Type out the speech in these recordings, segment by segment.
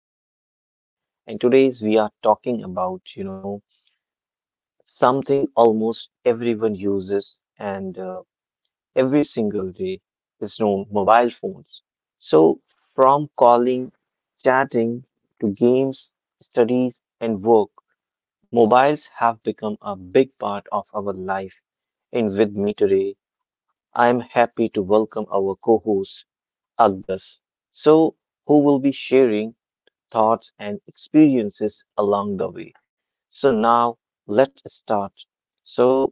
I am Farhan and today's we are talking about, something almost everyone uses and every single day is known mobile phones. So, from calling, chatting to games, studies and work, mobiles have become a big part of our life. And with me today, I am happy to welcome our co-host Agdas. So, who will be sharing thoughts, and experiences along the way. So, now let's start. So,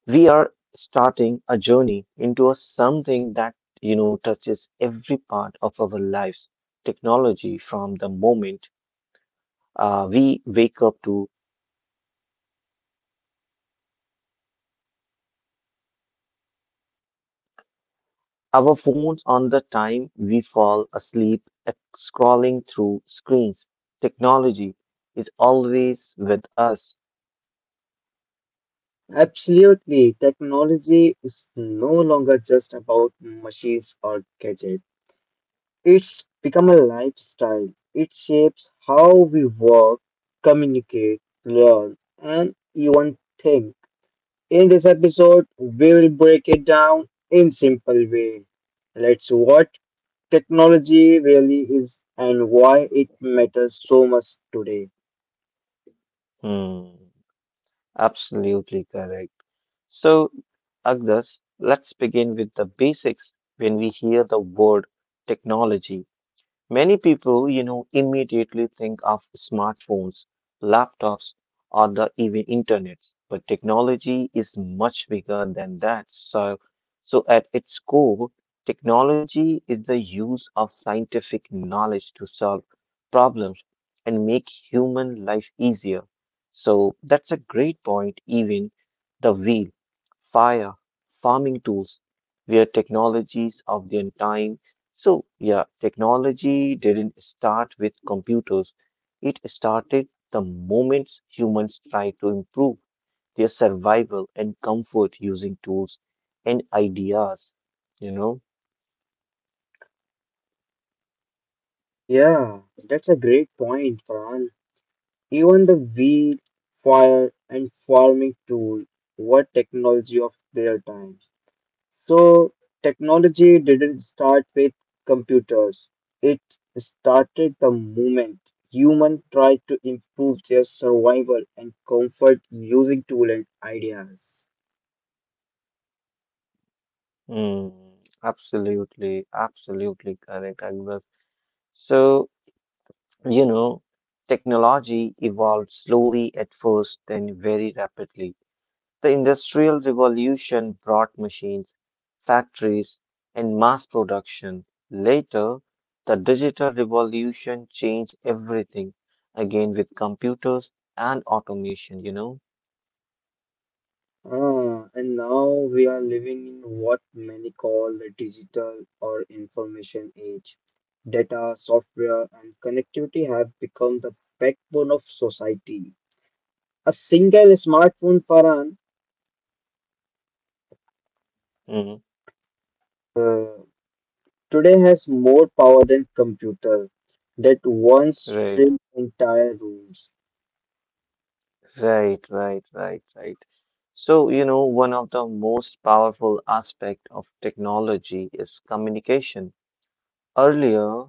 we are starting a journey into a something that touches every part of our lives technology from the moment we wake up to our phones on the time we fall asleep uh, scrolling through screens technology is always with us. Absolutely. Technology is no longer just about machines or gadgets. It's become a lifestyle. It shapes how we work, communicate, learn, and even think. In this episode, we will break it down in simple way. Let's what technology really is and why it matters so much today. Hmm, absolutely correct. So, Agnes, let's begin with the basics when we hear the word technology. Many people, immediately think of smartphones, laptops, or the even internets, but technology is much bigger than that. So at its core, technology is the use of scientific knowledge to solve problems and make human life easier. So that's a great point, even the wheel, fire, farming tools were technologies of their time. So, yeah, technology didn't start with computers. It started the moment humans tried to improve their survival and comfort using tools and ideas, you know? Yeah, that's a great point, Farhan. Even the weed, fire, and farming tool were technology of their time. So, technology didn't start with computers, it started the moment humans tried to improve their survival and comfort using tools and ideas. Mm, absolutely, absolutely correct, Agnes. So, you know, technology evolved slowly at first, then very rapidly. The Industrial Revolution brought machines, factories, and mass production. Later, the Digital Revolution changed everything again with computers and automation. Ah, and now we are living in what many call the digital or information age. Data, software, and connectivity have become the backbone of society. A single smartphone, Farhan, Mhm. uh, today has more power than computers that once Right, filled entire rooms. right, right, right, right. So, one of the most powerful aspect of technology is communication. Earlier,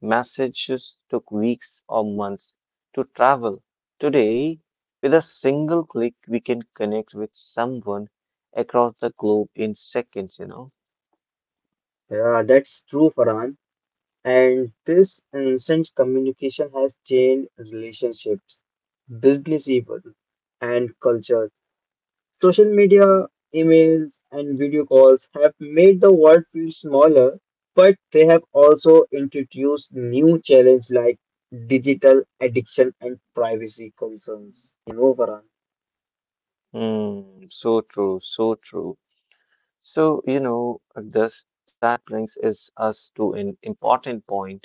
messages took weeks or months to travel. Today, with a single click, we can connect with someone across the globe in seconds. Yeah, that's true, Farhan. And this instant communication has changed relationships, business even and culture. Social media, emails, and video calls have made the world feel smaller, but they have also introduced new challenges like digital addiction and privacy concerns. You know, Farhan? Hmm, so true, so true. So, this that brings is us to an important point.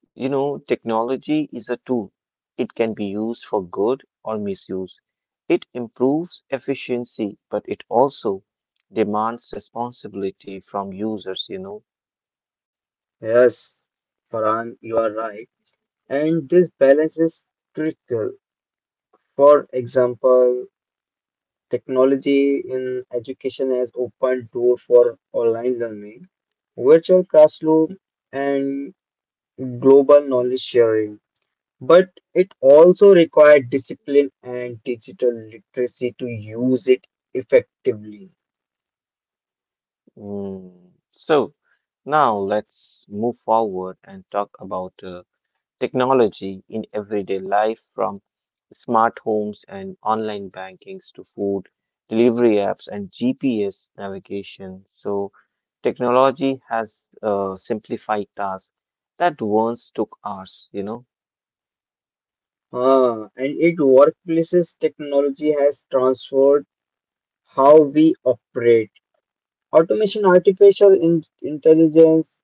Technology is a tool. It can be used for good or misuse. It improves efficiency, but it also demands responsibility from users. Yes, Farhan, you are right. And this balance is critical. For example, technology in education has opened doors for online learning, virtual classroom, and global knowledge sharing. But it also required discipline and digital literacy to use it effectively. Mm. So now let's move forward and talk about technology in everyday life, from smart homes and online bankings to food delivery apps and GPS navigation. So, technology has simplified tasks that once took hours. Ah, and in workplaces, technology has transformed how we operate. Automation, artificial intelligence,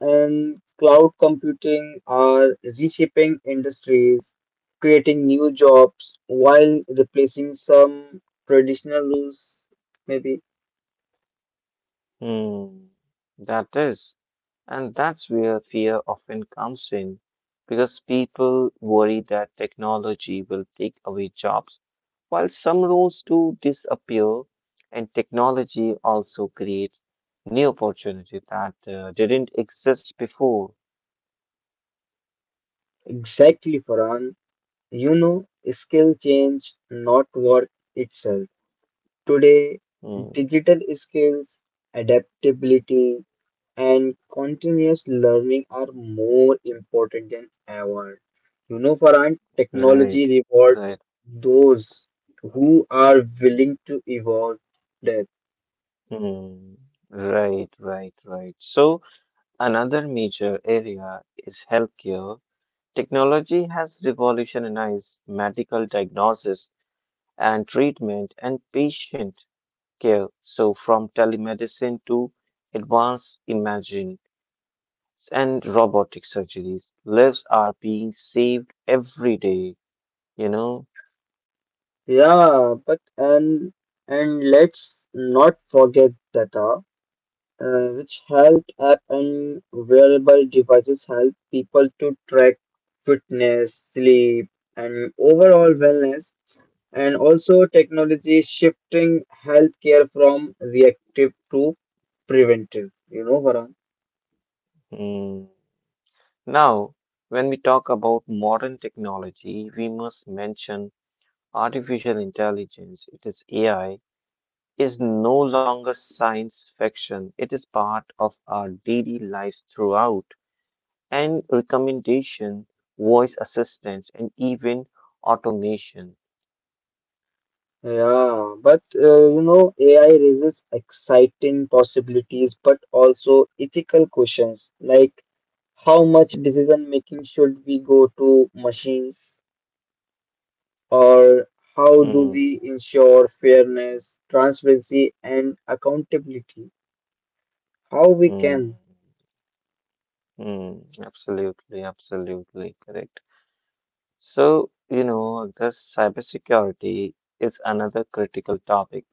and cloud computing are reshaping industries, creating new jobs while replacing some traditional roles. Maybe Hmm, that is. And that's where fear often comes in because people worry that technology will take away jobs. While some roles do disappear, and technology also creates new opportunities that didn't exist before. exactly, Farhan. You know, skill change, not work itself. Today, Mm, digital skills, adaptability, and continuous learning are more important than ever. You know, Farhan, right, technology reward right, those who are willing to evolve that. mm, right, right, right. So, another major area is healthcare. Technology has revolutionized medical diagnosis and treatment and patient care. So, from telemedicine to advanced imaging and robotic surgeries. Lives are being saved every day, you know. Yeah, but and let's not forget that. Which health app and wearable devices help people to track fitness, sleep, and overall wellness. And also, technology is shifting healthcare from reactive to preventive. You know, Varun. Hmm. Now, when we talk about modern technology, we must mention artificial intelligence. It is AI is no longer science fiction. It is part of our daily lives throughout and recommendation, voice assistance, and even automation. Yeah, but you know, AI raises exciting possibilities, but also ethical questions like how much decision making should we go to machines? Or how do Hmm. we ensure fairness, transparency, and accountability? How we Hmm. can? Hmm. Absolutely, absolutely correct. So, this cybersecurity is another critical topic.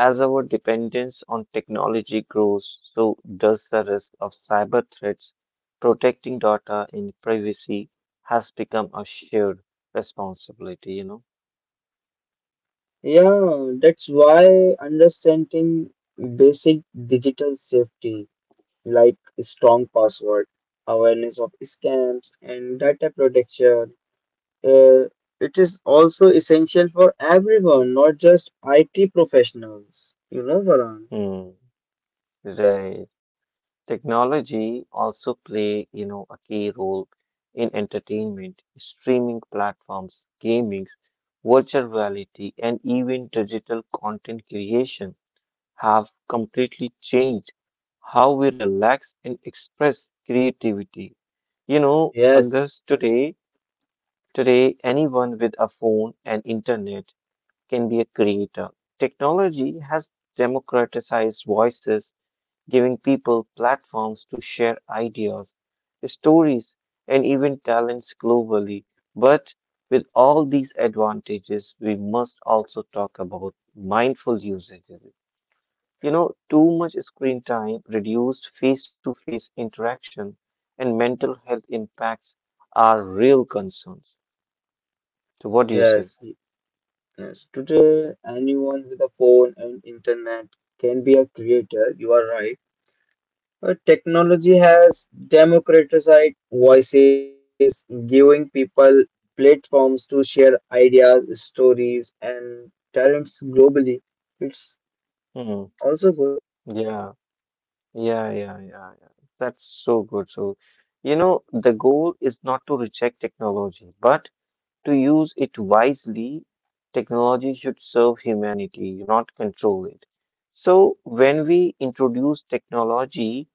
As our dependence on technology grows, so does the risk of cyber threats. Protecting data in privacy has become a shared responsibility, you Yeah, that's why understanding basic digital safety like strong password, awareness of scams, and data protection. Uh, it is also essential for everyone, not just IT professionals. You know, Varun? know. Hmm, right. Technology also play, a key role in entertainment, streaming platforms, gaming, virtual reality, and even digital content creation. Have completely changed how we relax and express creativity. You know, Yes, August, today, anyone with a phone and internet can be a creator. Technology has democratized voices, giving people platforms to share ideas, stories, and even talents globally. But with all these advantages, we must also talk about mindful usages. Too much screen time, reduced face-to-face interaction, and mental health impacts are real concerns. So, what do you say? yes. Yes, today anyone with a phone and internet can be a creator, you are right. But technology has democratized voices, giving people platforms to share ideas, stories, and talents globally. It's Hmm. also good. Yeah, yeah, yeah, yeah, yeah. That's so good. So, the goal is not to reject technology, but to use it wisely. Technology should serve humanity, not control it. So, when we introduce technology,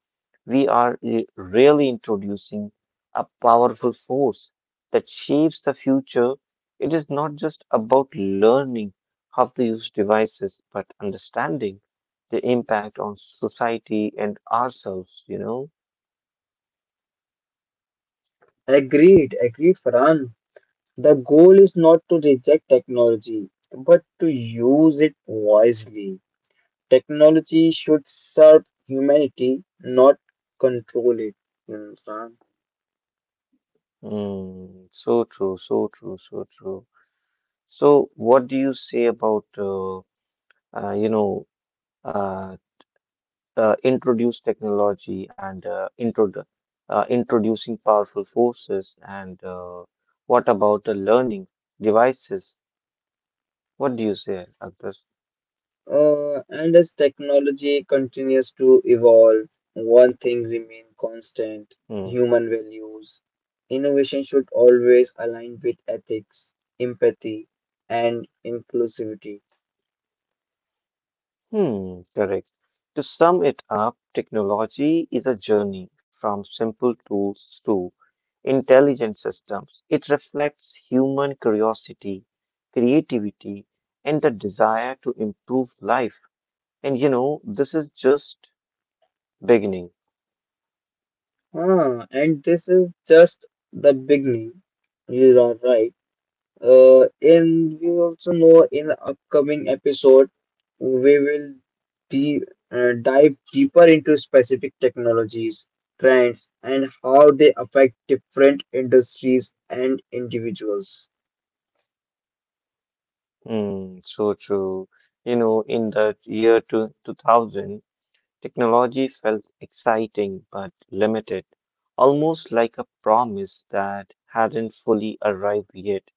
we are really introducing a powerful force that shapes the future. It is not just about learning how to use devices, but understanding the impact on society and ourselves. Agreed, Farhan. The goal is not to reject technology, but to use it wisely. Technology should serve humanity, not control it. You understand? Mm, so true, so true, so true. So, what do you say about, uh, you know, uh, introduce technology and introducing powerful forces and what about the learning devices? What do you say, Agdas? And as technology continues to evolve, one thing remains constant Hmm. human values. Innovation should always align with ethics, empathy, and inclusivity. Hmm, correct. To sum it up, technology is a journey from simple tools to intelligent systems. It reflects human curiosity, creativity, and the desire to improve life. And this is just beginning. Ah, and this is just the beginning. You are right. And we also know in the upcoming episode, we will de- dive deeper into specific technologies, trends, and how they affect different industries and individuals. Mm, so true. In the year 2000, technology felt exciting but limited, almost like a promise that hadn't fully arrived yet.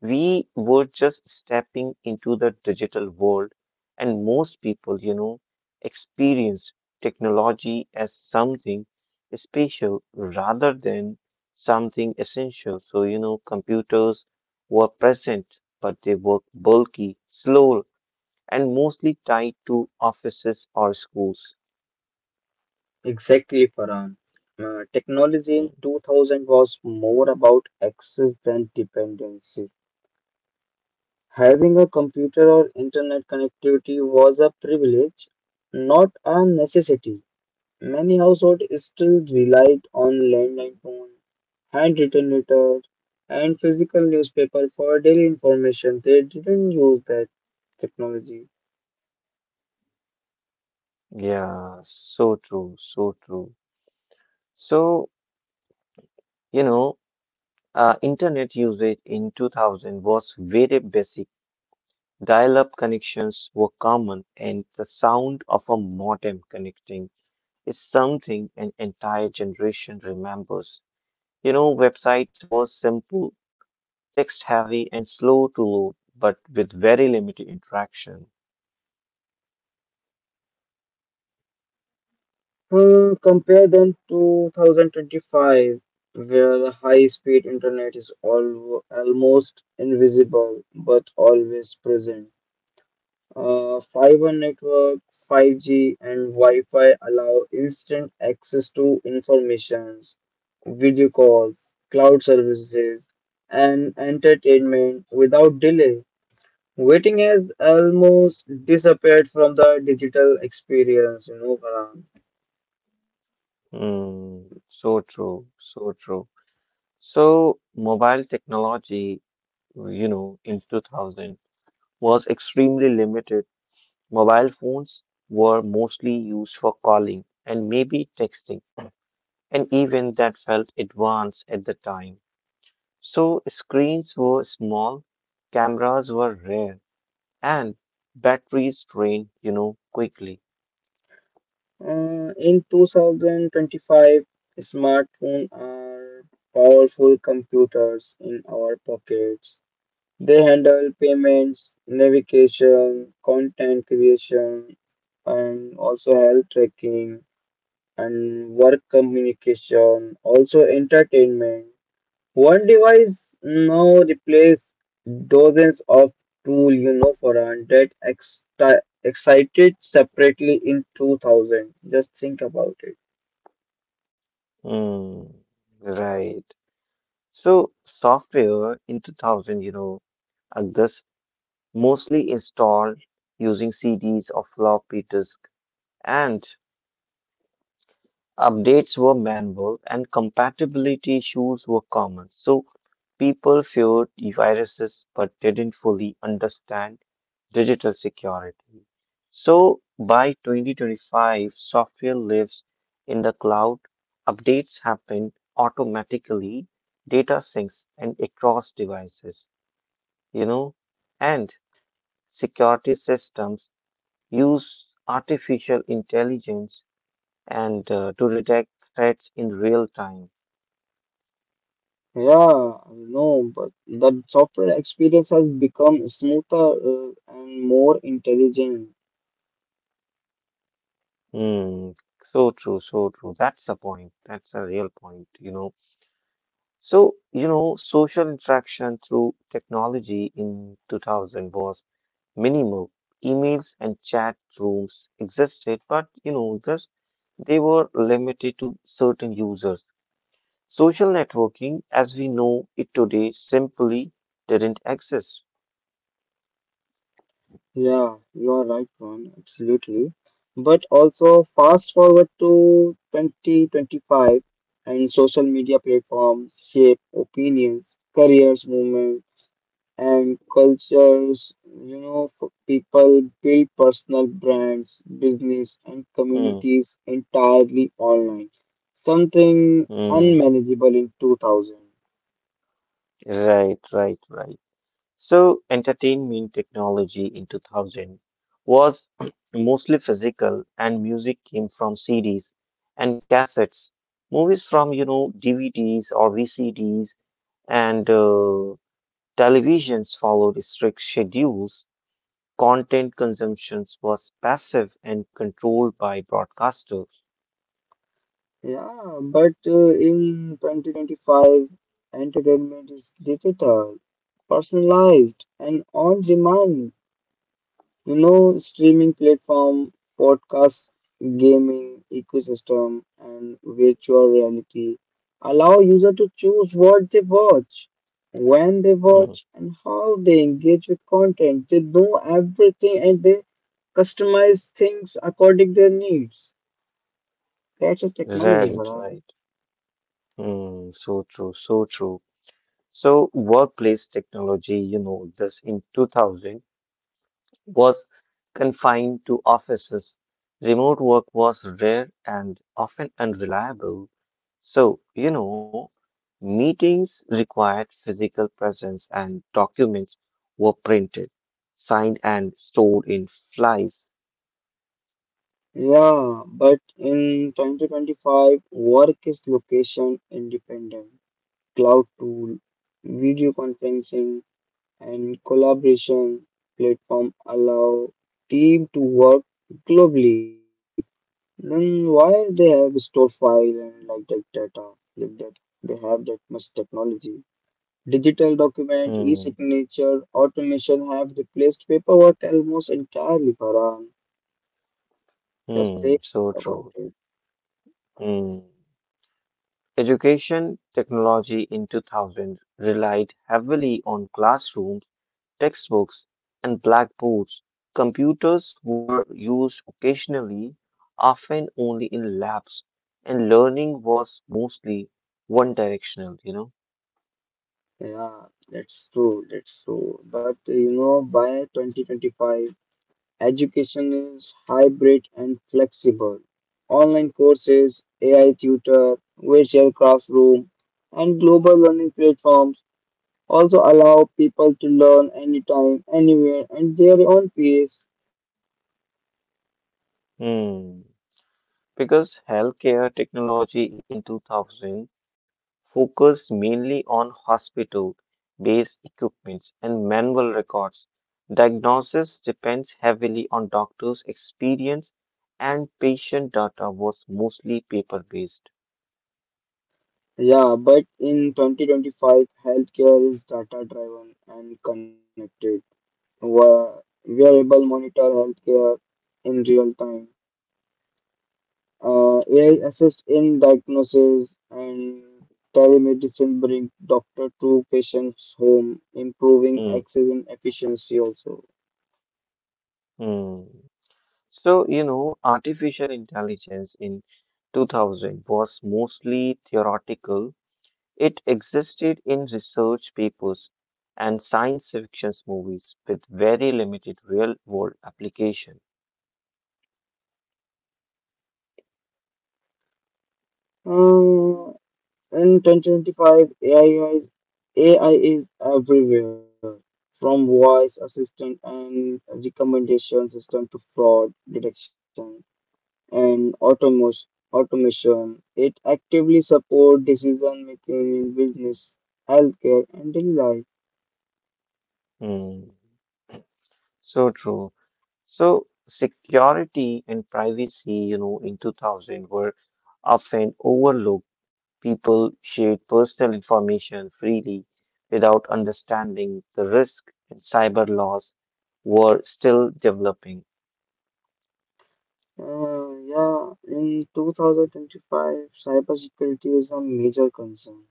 We were just stepping into the digital world, and most people, experience technology as something special rather than something essential. So, computers were present, but they were bulky, slow, and mostly tied to offices or schools. Exactly, Farhan. Technology Mm, in 2000 was more about access than dependency. Having a computer or internet connectivity was a privilege, not a necessity. Many households still relied on landline phone, handwritten letters, and physical newspaper for daily information. They didn't use that technology. yeah, so true, so true. So, you know, internet usage in 2000 was very basic. Dial up connections were common, and the sound of a modem connecting is something an entire generation remembers. Websites were simple, text heavy, and slow to load, but with very limited interaction. Hmm, compare them to 2025, where high-speed internet is al almost invisible but always present. Fiber network, 5G, and Wi-Fi allow instant access to informations, video calls, cloud services, and entertainment without delay. Waiting has almost disappeared from the digital experience, you know, Farhan. Hmm, so true, so true. So, mobile technology, in 2000 was extremely limited. Mobile phones were mostly used for calling and maybe texting an event that felt advanced at the time. So screens were small, cameras were rare, and batteries drained, quickly. In 2025, smartphones are powerful computers in our pockets. They handle payments, navigation, content creation, and also health tracking and work communication, also entertainment. One device now replace dozens of tool you know for and that excited separately in 2000. Just think about it. Mm, right. So software in 2000, Agus mostly installed using CDs or floppy disk, and updates were manual and compatibility issues were common. So people feared viruses but didn't fully understand digital security. So by 2025, software lives in the cloud, updates happen automatically, data syncs and across devices, you know, and security systems use artificial intelligence and to detect threats in real time. Yeah, no, but the software experience has become smoother and more intelligent. Mm, so true, so true. That's a point. That's a real point. So, social interaction through technology in 2000 was minimal. Emails and chat rooms existed, but, just they were limited to certain users. Social networking, as we know it today, simply didn't exist. Yeah, you are right, man. Absolutely. But also, fast forward to 2025, and social media platforms shape opinions, careers, movement, and cultures. You know, people build personal brands, business, and Mm, communities entirely online, something mm, unmanageable in 2000. right, right, right. So, entertainment technology in 2000 was mostly physical, and music came from CDs and cassettes, movies from, DVDs or VCDs, and televisions followed strict schedules. Content consumptions was passive and controlled by broadcasters. Yeah, but in 2025, entertainment is digital, personalized, and on demand. You know, streaming platform, podcast, gaming ecosystem, and virtual reality allow user to choose what they watch, when they Mm, watch, and how they engage with content. They know everything and they customize things according their needs. That's a technology, right, Varun. right. Mm, so true, so true. So, workplace technology, this in 2000 was confined to offices. Remote work was rare and often unreliable. So, meetings required physical presence and documents were printed, signed, and stored in flies. Yeah, but in 2025, work is location independent. Cloud tool, video conferencing, and collaboration platform allow team to work globally. Then why they have store file and like that data if that they have that much technology? Digital document, Hmm, e-signature, automation have replaced paperwork almost entirely, Farhan. Just think hmm, so about true. it. Hmm. Education technology in 2000 relied heavily on classrooms textbooks, and blackboards. Computers were used occasionally, often only in labs, and learning was mostly one directional. Yeah, that's true. But you know, by 2025, education is hybrid and flexible. Online courses, AI tutor, virtual classroom, and global learning platforms also allow people to learn anytime, anywhere, and their own pace. Hmm. Because healthcare technology in 2000 focused mainly on hospital based equipment and manual records. Diagnosis depends heavily on doctors' experience and patient data was mostly paper based. Yeah, but in 2025, healthcare is data driven and connected. Wa- Wearable monitor healthcare in real time. AI assist in diagnosis and telemedicine bring doctor to patient's home, Mm, improving access and efficiency also. mm. So, artificial intelligence in 2000 was mostly theoretical. It existed in research papers and science fiction movies with very limited real world application. Uh, in 2025, AI is everywhere, from voice assistant and recommendation system to fraud detection and automation. It actively supports decision making in business, healthcare, and daily life. Hmm. So true. So security and privacy, in 2000 were often overlooked. People shared personal information freely without understanding the risk and cyber laws were still developing. Yeah, in 2025, cybersecurity is a major concern.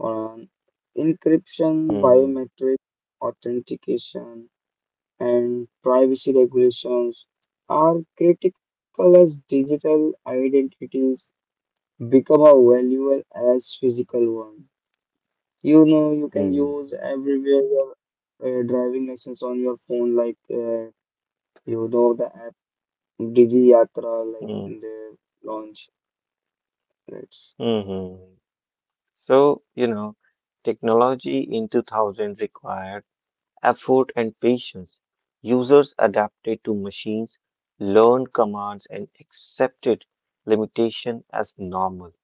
Um, Encryption, Hmm, biometric authentication, and privacy regulations are critical as digital identities become as valuable as physical ones. You know, you can hmm, use everywhere your driving license on your phone, like you know the app Digi Yatra, like hmm, the launch. Right. hmm, hmm. So, technology in 2000 required effort and patience. Users adapted to machines, learned commands, and accepted limitation as normal.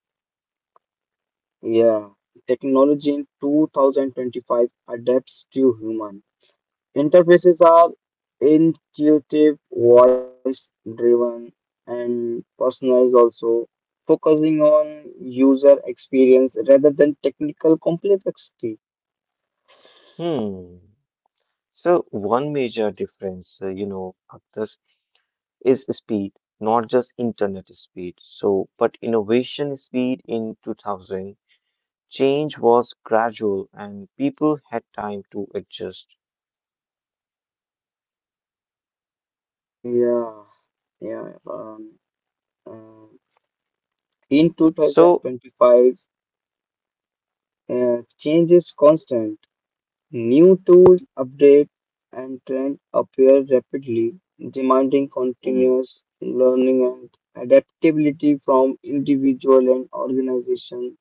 Yeah, technology in 2025 adapts to human. Interfaces are intuitive, voice driven, and personalized, also focusing on user experience rather than technical complexity. Hmm. So one major difference, Akhtar, is speed, not just internet speed. So, but innovation speed in 2000, change was gradual and people had time to adjust. Yeah, yeah. Um, uh, in So, 2025, change is constant. New tools, updates, and trends appear rapidly, demanding hmm, continuous learning and adaptability from individual and organization.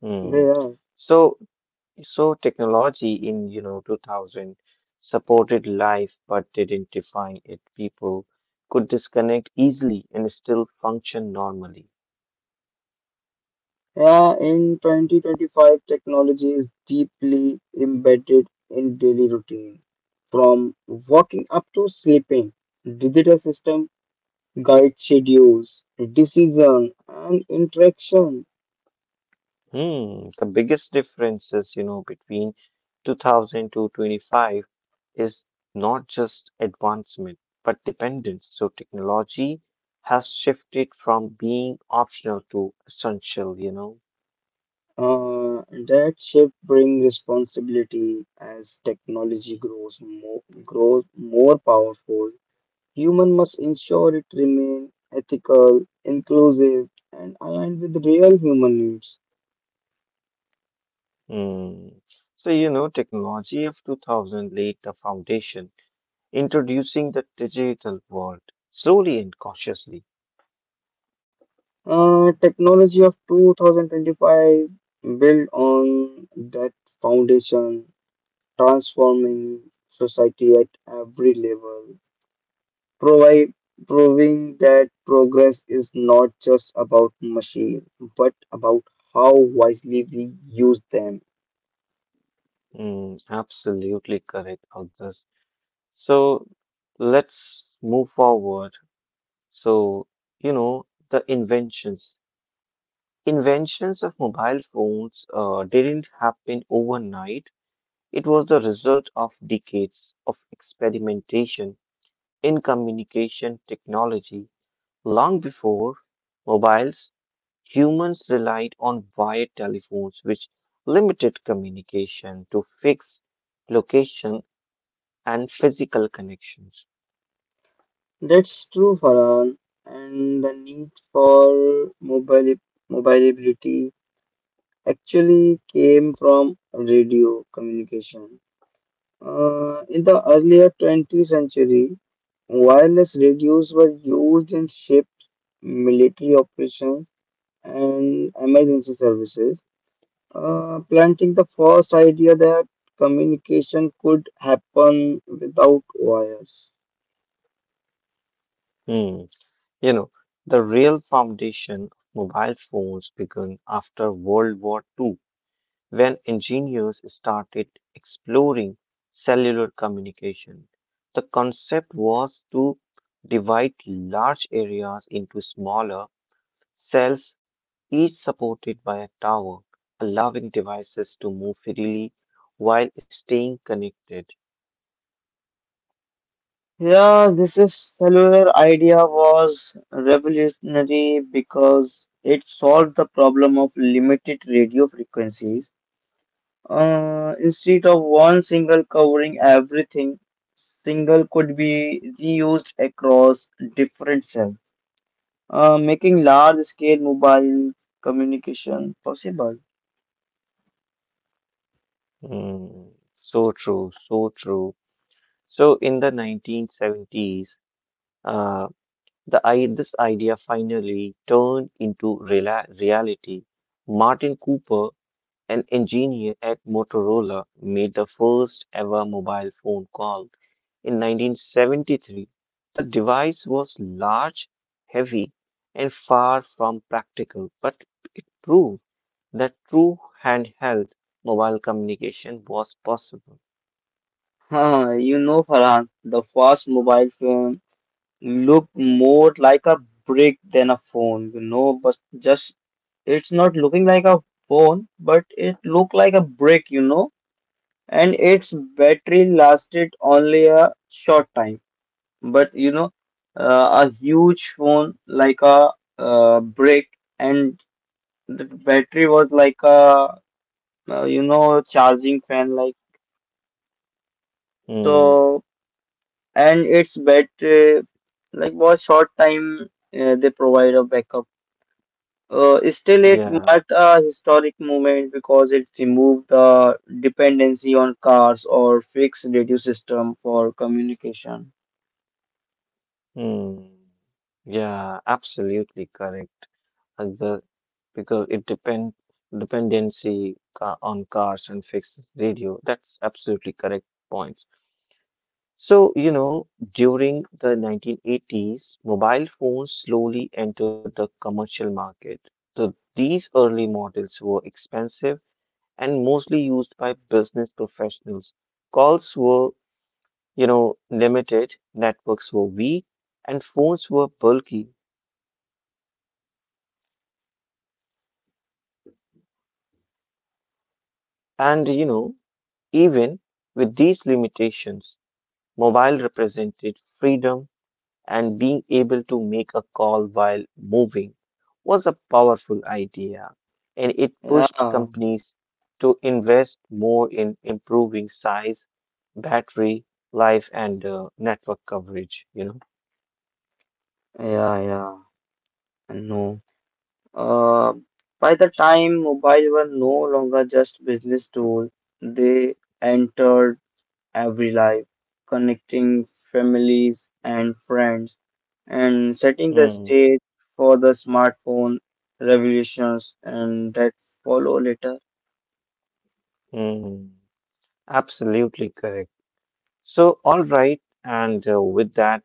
hmm. Yeah. So So technology in, 2000 supported life but didn't define it. People could disconnect easily and still function normally. Yeah, in 2025, technology is deeply embedded in daily routine. From waking up to sleeping, digital system guide schedules, decision, and interaction. Hmm, the biggest differences, between 2000 to 25 is not just advancement but dependence. So technology has shifted from being optional to essential. That shift brings responsibility as technology grows more powerful. Human must ensure it remains ethical, inclusive, and aligned with real human needs. Hmm. So, technology of 2000 laid the foundation introducing the digital world slowly and cautiously. Technology of 2025 built on that foundation, transforming society at every level. provide, Proving that progress is not just about machine but about how wisely we use them. Mm, absolutely correct, August. So let's move forward. So, you know, the inventions. Inventions of mobile phones didn't happen overnight. It was the result of decades of experimentation in communication technology. Long before mobiles, humans relied on wired telephones, which limited communication to fixed location and physical connections. That's true, Farhan, and the need for mobile mobility actually came from radio communication. In the earlier 20th century, wireless radios were used in ships, military operations, and emergency services. Planting the first idea that communication could happen without wires. Hmm. You know, the real foundation of mobile phones began after World War Two, when engineers started exploring cellular communication. The concept was to divide large areas into smaller cells, each supported by a tower, allowing devices to move freely while staying connected. Yeah, this is cellular idea was revolutionary because it solved the problem of limited radio frequencies. Instead of one single covering everything, single could be reused across different cells, making large-scale mobile communication possible. Hmm, so true, so true. So in the 1970s, uh, this idea finally turned into reala reality. Martin Cooper an engineer at Motorola made the first ever mobile phone call in 1973. The device was large, heavy, and far from practical, but it proved that true handheld mobile communication was possible. Huh, you know, Farhan, the first mobile phone looked more like a brick than a phone, you know, but just it's not looking like a phone, but it looked like a brick, you know, and its battery lasted only a short time. But you know, a huge phone like a brick, and the battery was like a you know charging fan, like Hmm, so. And its battery like was short time they provide a backup. Still it yeah, marked a historic moment because it removed the dependency on cars or fixed radio system for communication. hmm, yeah, absolutely correct. Other because it dependency on cars and fixed radio. That's absolutely correct point. So, during the 1980s, mobile phones slowly entered the commercial market. So these early models were expensive and mostly used by business professionals. Calls were, limited, networks were weak, and phones were bulky. And, even with these limitations, mobile represented freedom and being able to make a call while moving was a powerful idea and it pushed yeah companies to invest more in improving size, battery life and network coverage, yeah yeah I know. uh, by the time mobile were no longer just business tool, they entered every life, connecting families and friends, and setting the know. stage for the smartphone revolutions and that follow later. Hmm, hmm, absolutely correct. So, all right, and with that,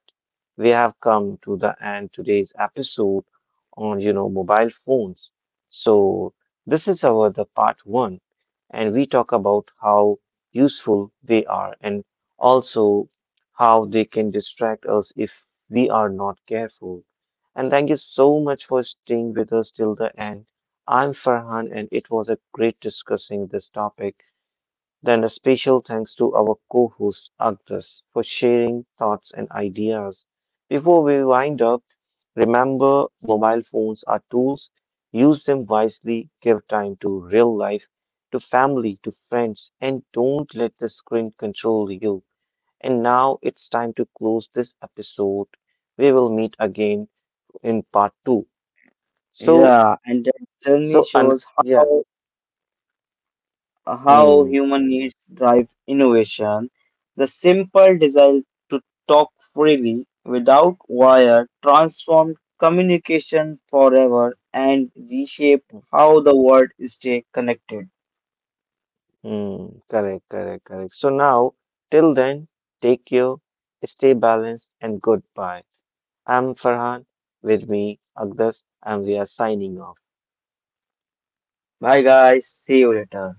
we have come to the end today's episode on mobile phones. So, this is our the part one, and we talk about how useful they are and also how they can distract us if we are not careful. And thank you so much for staying with us till the end. I'm Farhan, and it was a great discussing this topic. Then a special thanks to our co-host Agnes for sharing thoughts and ideas. Before we wind up, remember mobile phones are tools. Use them wisely, give time to real life, to family, to friends, and don't let the screen control you. And now it's time to close this episode. We will meet again in part two. So, Yeah, and that journey shows yeah, how how hmm, hmm. human needs drive innovation. The simple desire to talk freely without wire transformed communication forever and reshaped how the world stay connected. Mm, correct, correct, correct. So now, till then, take care, stay balanced, and goodbye. I'm Farhan. With me, Agdas, and we are signing off. Bye guys, see you later.